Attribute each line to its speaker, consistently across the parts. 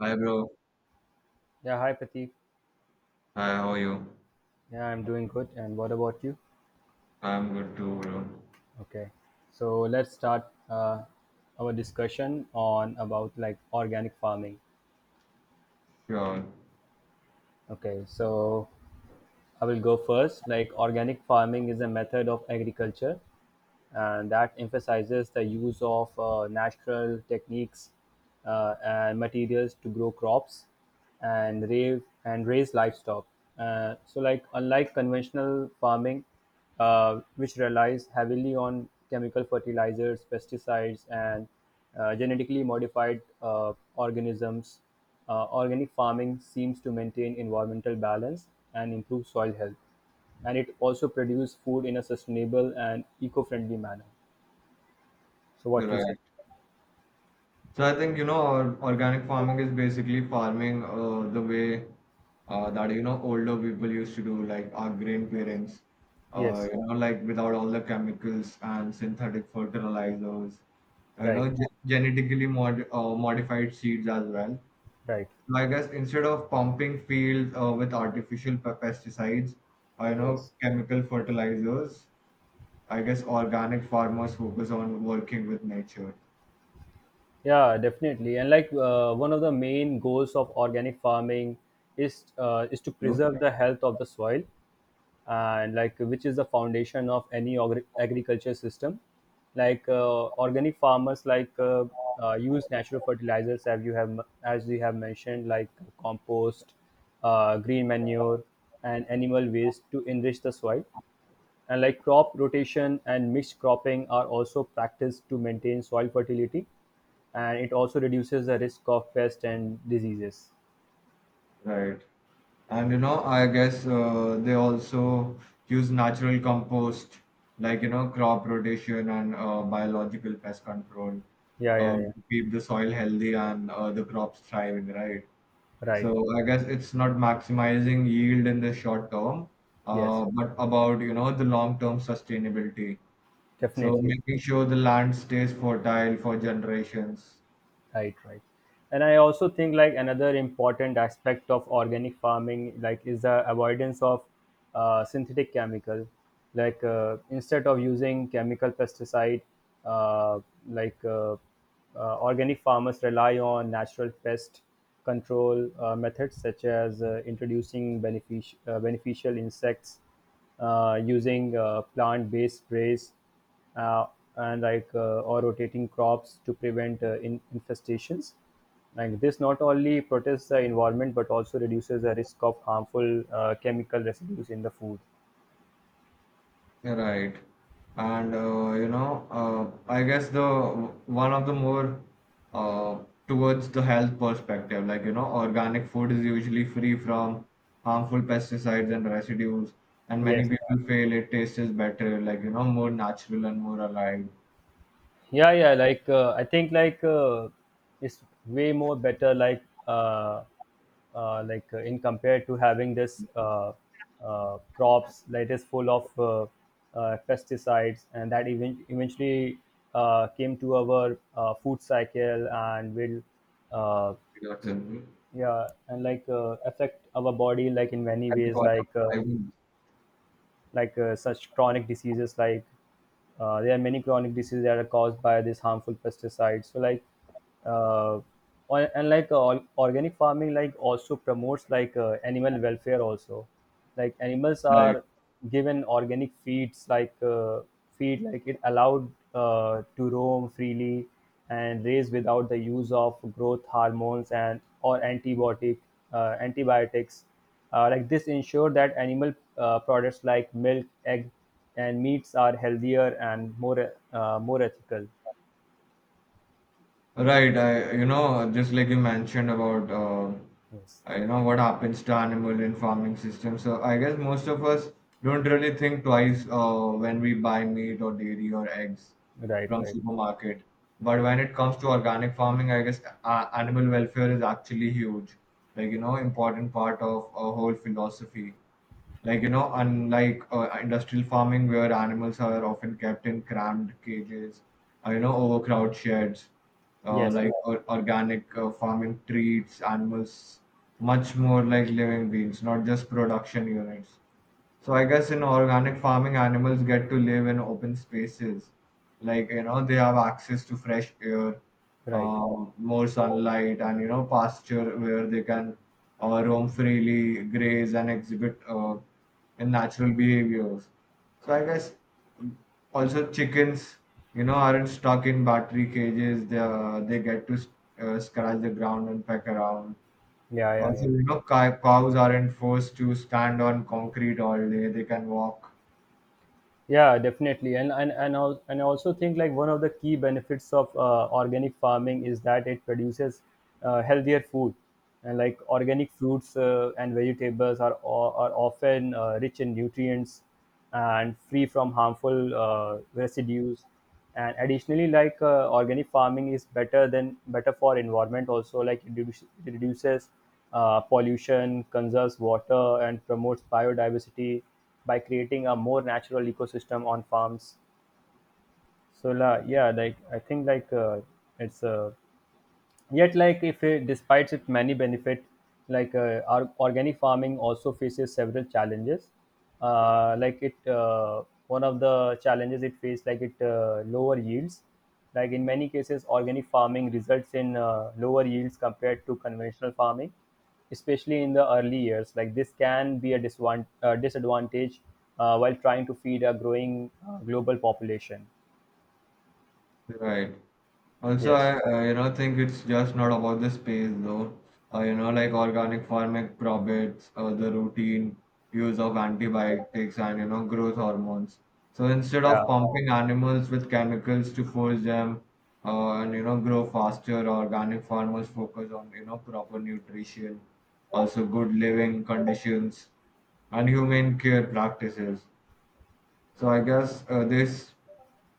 Speaker 1: Hi, bro.
Speaker 2: Yeah, hi Pratik.
Speaker 1: Hi, how are you?
Speaker 2: Yeah, I'm doing good. And what about you?
Speaker 1: I'm good too, bro.
Speaker 2: Okay, so let's start our discussion on about like organic farming.
Speaker 1: Sure.
Speaker 2: Okay, so I will go first. Like organic farming is a method of agriculture and that emphasizes the use of natural techniques and materials to grow crops and raise livestock. So like unlike conventional farming, which relies heavily on chemical fertilizers, pesticides, and genetically modified organisms, organic farming seems to maintain environmental balance and improve soil health, and it also produce food in a sustainable and eco-friendly manner. So
Speaker 1: You're
Speaker 2: what you say?
Speaker 1: right. So I think, organic farming is basically farming the way that, you know, older people used to do, like our
Speaker 2: Yes.
Speaker 1: grandparents,
Speaker 2: Yes.
Speaker 1: like without all the chemicals and synthetic fertilizers,
Speaker 2: Right.
Speaker 1: genetically modified seeds as well.
Speaker 2: Right.
Speaker 1: So I guess instead of pumping fields with artificial pesticides, I know
Speaker 2: Yes.
Speaker 1: chemical fertilizers, I guess organic farmers focus on working with nature.
Speaker 2: Yeah, definitely. And like one of the main goals of organic farming is to
Speaker 1: No?
Speaker 2: preserve the health of the soil, and like which is the foundation of any agriculture system. Like organic farmers use natural fertilizers, as you have mentioned, like compost, green manure, and animal waste to enrich the soil. And like crop rotation and mixed cropping are also practiced to maintain soil fertility, and it also reduces the risk of pests and diseases.
Speaker 1: Right. And you know, I guess they also use natural compost, like you know, crop rotation and biological pest control
Speaker 2: Yeah, yeah, yeah.
Speaker 1: to keep the soil healthy and the crops thriving, right? So
Speaker 2: Right.
Speaker 1: I guess it's not maximizing yield in the short term,
Speaker 2: Yes,
Speaker 1: but about you know the long-term sustainability. So
Speaker 2: definitely.
Speaker 1: making sure the land stays fertile for generations.
Speaker 2: Right, right. And I also think like another important aspect of organic farming like is the avoidance of synthetic chemical. Like instead of using chemical pesticide, uh, like uh, organic farmers rely on natural pest control methods, such as introducing beneficial insects, using plant-based sprays, uh, and like or rotating crops to prevent infestations. Like this, not only protects the environment but also reduces the risk of harmful chemical residues in the food.
Speaker 1: Right. I guess the one of the more uh, towards the health perspective, like you know, organic food is usually free from harmful pesticides and residues, and many
Speaker 2: Yes.
Speaker 1: people feel it tastes better, like you know, more natural and more alive.
Speaker 2: Yeah, yeah. like I think like It's way more better uh, in compared to having this crops that is full of pesticides, and that even eventually came to our food cycle and will uh,
Speaker 1: You know, to-
Speaker 2: yeah. And like affect our body like in many
Speaker 1: and the
Speaker 2: ways,
Speaker 1: quality of life is,
Speaker 2: such chronic diseases. There are many chronic diseases that are caused by these harmful pesticides. So uh, and like organic farming like also promotes like animal welfare also. Like animals
Speaker 1: like
Speaker 2: are given organic feed, like it allowed to roam freely and raise without the use of growth hormones and or antibiotics. Like this ensure that animal products like milk, egg, and meats are healthier and more ethical.
Speaker 1: Right, I you know just like you mentioned about
Speaker 2: Yes.
Speaker 1: you know what happens to animal in farming system. So I guess most of us don't really think twice when we buy meat or dairy or eggs
Speaker 2: Right.
Speaker 1: from
Speaker 2: Right.
Speaker 1: supermarket. But when it comes to organic farming, I guess animal welfare is actually huge, like you know important part of a whole philosophy like you know unlike industrial farming where animals are often kept in cramped cages you know overcrowded sheds
Speaker 2: Yes.
Speaker 1: like or, organic farming treats animals much more like living beings not just production units so I guess in organic farming, animals get to live in open spaces. Like, you know, they have access to fresh air,
Speaker 2: Right.
Speaker 1: more sunlight, and, you know, pasture where they can roam freely, graze, and exhibit in natural behaviors. So I guess also chickens, you know, aren't stuck in battery cages. They get to scratch the ground and peck around
Speaker 2: Yeah. Yeah.
Speaker 1: also,
Speaker 2: Yeah.
Speaker 1: you know, cows aren't forced to stand on concrete all day. They can walk.
Speaker 2: Yeah, definitely. And I also think like one of the key benefits of organic farming is that it produces healthier food, and like organic fruits and vegetables are are often rich in nutrients and free from harmful residues. And additionally, like organic farming is better for environment also. Like it it reduces pollution, conserves water, and promotes biodiversity by creating a more natural ecosystem on farms. So la, yeah like I think like it's Yet, like if it, despite its many benefits, like our organic farming also faces several challenges. One of the challenges it faces, like it lower yields. Like in many cases, organic farming results in lower yields compared to conventional farming, especially in the early years. Like this can be a disadvantage while trying to feed a growing global population.
Speaker 1: Right. Also,
Speaker 2: Yes.
Speaker 1: I you know think it's just not about the space though. You know, like organic farming profits, the routine use of antibiotics and you know growth hormones. So instead
Speaker 2: Yeah.
Speaker 1: of pumping animals with chemicals to force them and you know grow faster, organic farmers focus on you know proper nutrition, also good living conditions, and humane care practices. So I guess this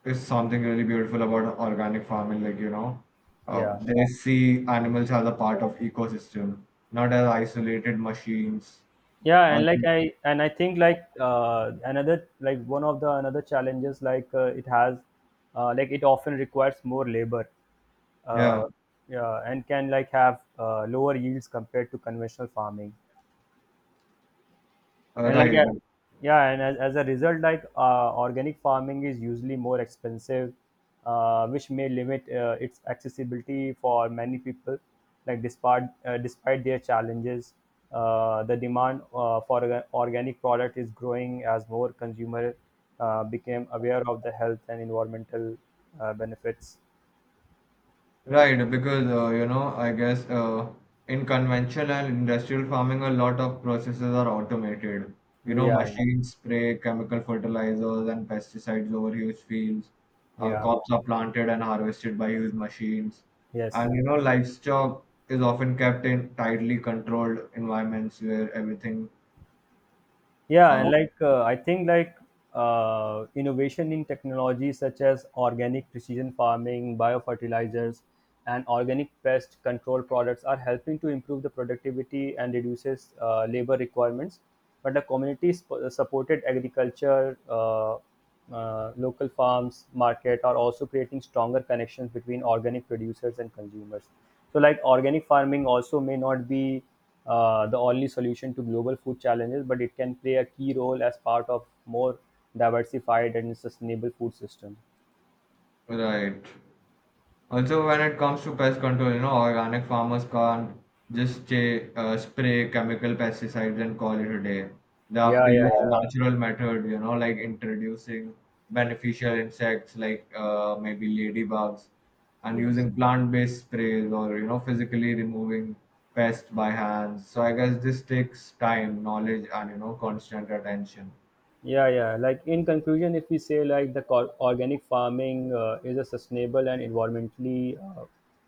Speaker 1: is something really beautiful about organic farming. Like you know,
Speaker 2: Yeah.
Speaker 1: they see animals as a part of ecosystem, not as isolated machines.
Speaker 2: Yeah. And like
Speaker 1: Also,
Speaker 2: I think like another, like one of the another challenges like it has, like it often requires more labor,
Speaker 1: yeah,
Speaker 2: uh, yeah, and can like have lower yields compared to conventional farming. And like
Speaker 1: right.
Speaker 2: yeah. And as a result, like organic farming is usually more expensive, which may limit its accessibility for many people. Like despite their challenges, the demand for organic product is growing as more consumer became aware of the health and environmental benefits.
Speaker 1: Right, because I guess in conventional and industrial farming, a lot of processes are automated. You know,
Speaker 2: Yeah.
Speaker 1: machines spray chemical fertilizers and pesticides over huge fields.
Speaker 2: Yeah, yeah.
Speaker 1: Crops are planted and harvested by huge machines.
Speaker 2: Yes.
Speaker 1: And you know, livestock is often kept in tightly controlled environments where everything,
Speaker 2: Yeah,
Speaker 1: uh,
Speaker 2: and like I think like innovation in technologies such as organic precision farming, biofertilizers, and organic pest control products are helping to improve the productivity and reduces labor requirements. But the community supported agriculture, local farms, market are also creating stronger connections between organic producers and consumers. So like organic farming also may not be the only solution to global food challenges, but it can play a key role as part of more diversified and sustainable food system.
Speaker 1: right. Also, when it comes to pest control, you know, organic farmers can't just say, spray chemical pesticides and call it a day. They have
Speaker 2: Yeah,
Speaker 1: to use
Speaker 2: yeah, yeah.
Speaker 1: natural method, you know, like introducing beneficial insects like maybe ladybugs and
Speaker 2: Yes.
Speaker 1: using plant-based sprays or, you know, physically removing pests by hands. So I guess this takes time, knowledge, and, you know, constant attention.
Speaker 2: Yeah, yeah. Like in conclusion, if we say like the organic farming is a sustainable and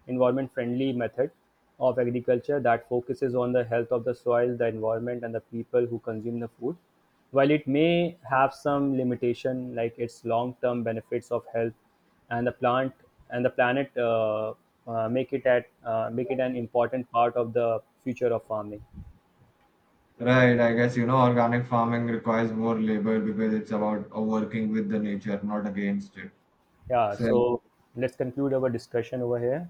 Speaker 2: environment friendly method of agriculture that focuses on the health of the soil, the environment, and the people who consume the food. While it may have some limitation, like its long term benefits of health and the plant and the planet, make it at make it an important part of the future of farming.
Speaker 1: Right, I guess you know organic farming requires more labor because it's about working with the nature, not against it.
Speaker 2: Yeah.
Speaker 1: So
Speaker 2: So let's conclude our discussion over here.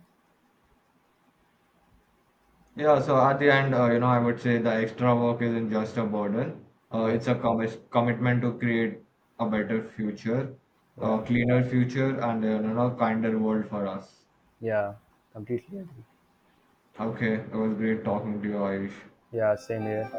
Speaker 1: yeah, so at the end, you know, I would say the extra work isn't just a burden. It's
Speaker 2: Yes.
Speaker 1: a commis commitment to create a better future,
Speaker 2: Yeah,
Speaker 1: a cleaner future, and you know, kinder world for us.
Speaker 2: yeah, completely agree.
Speaker 1: Okay, it was great talking to you, Ayush.
Speaker 2: Yeah, same here.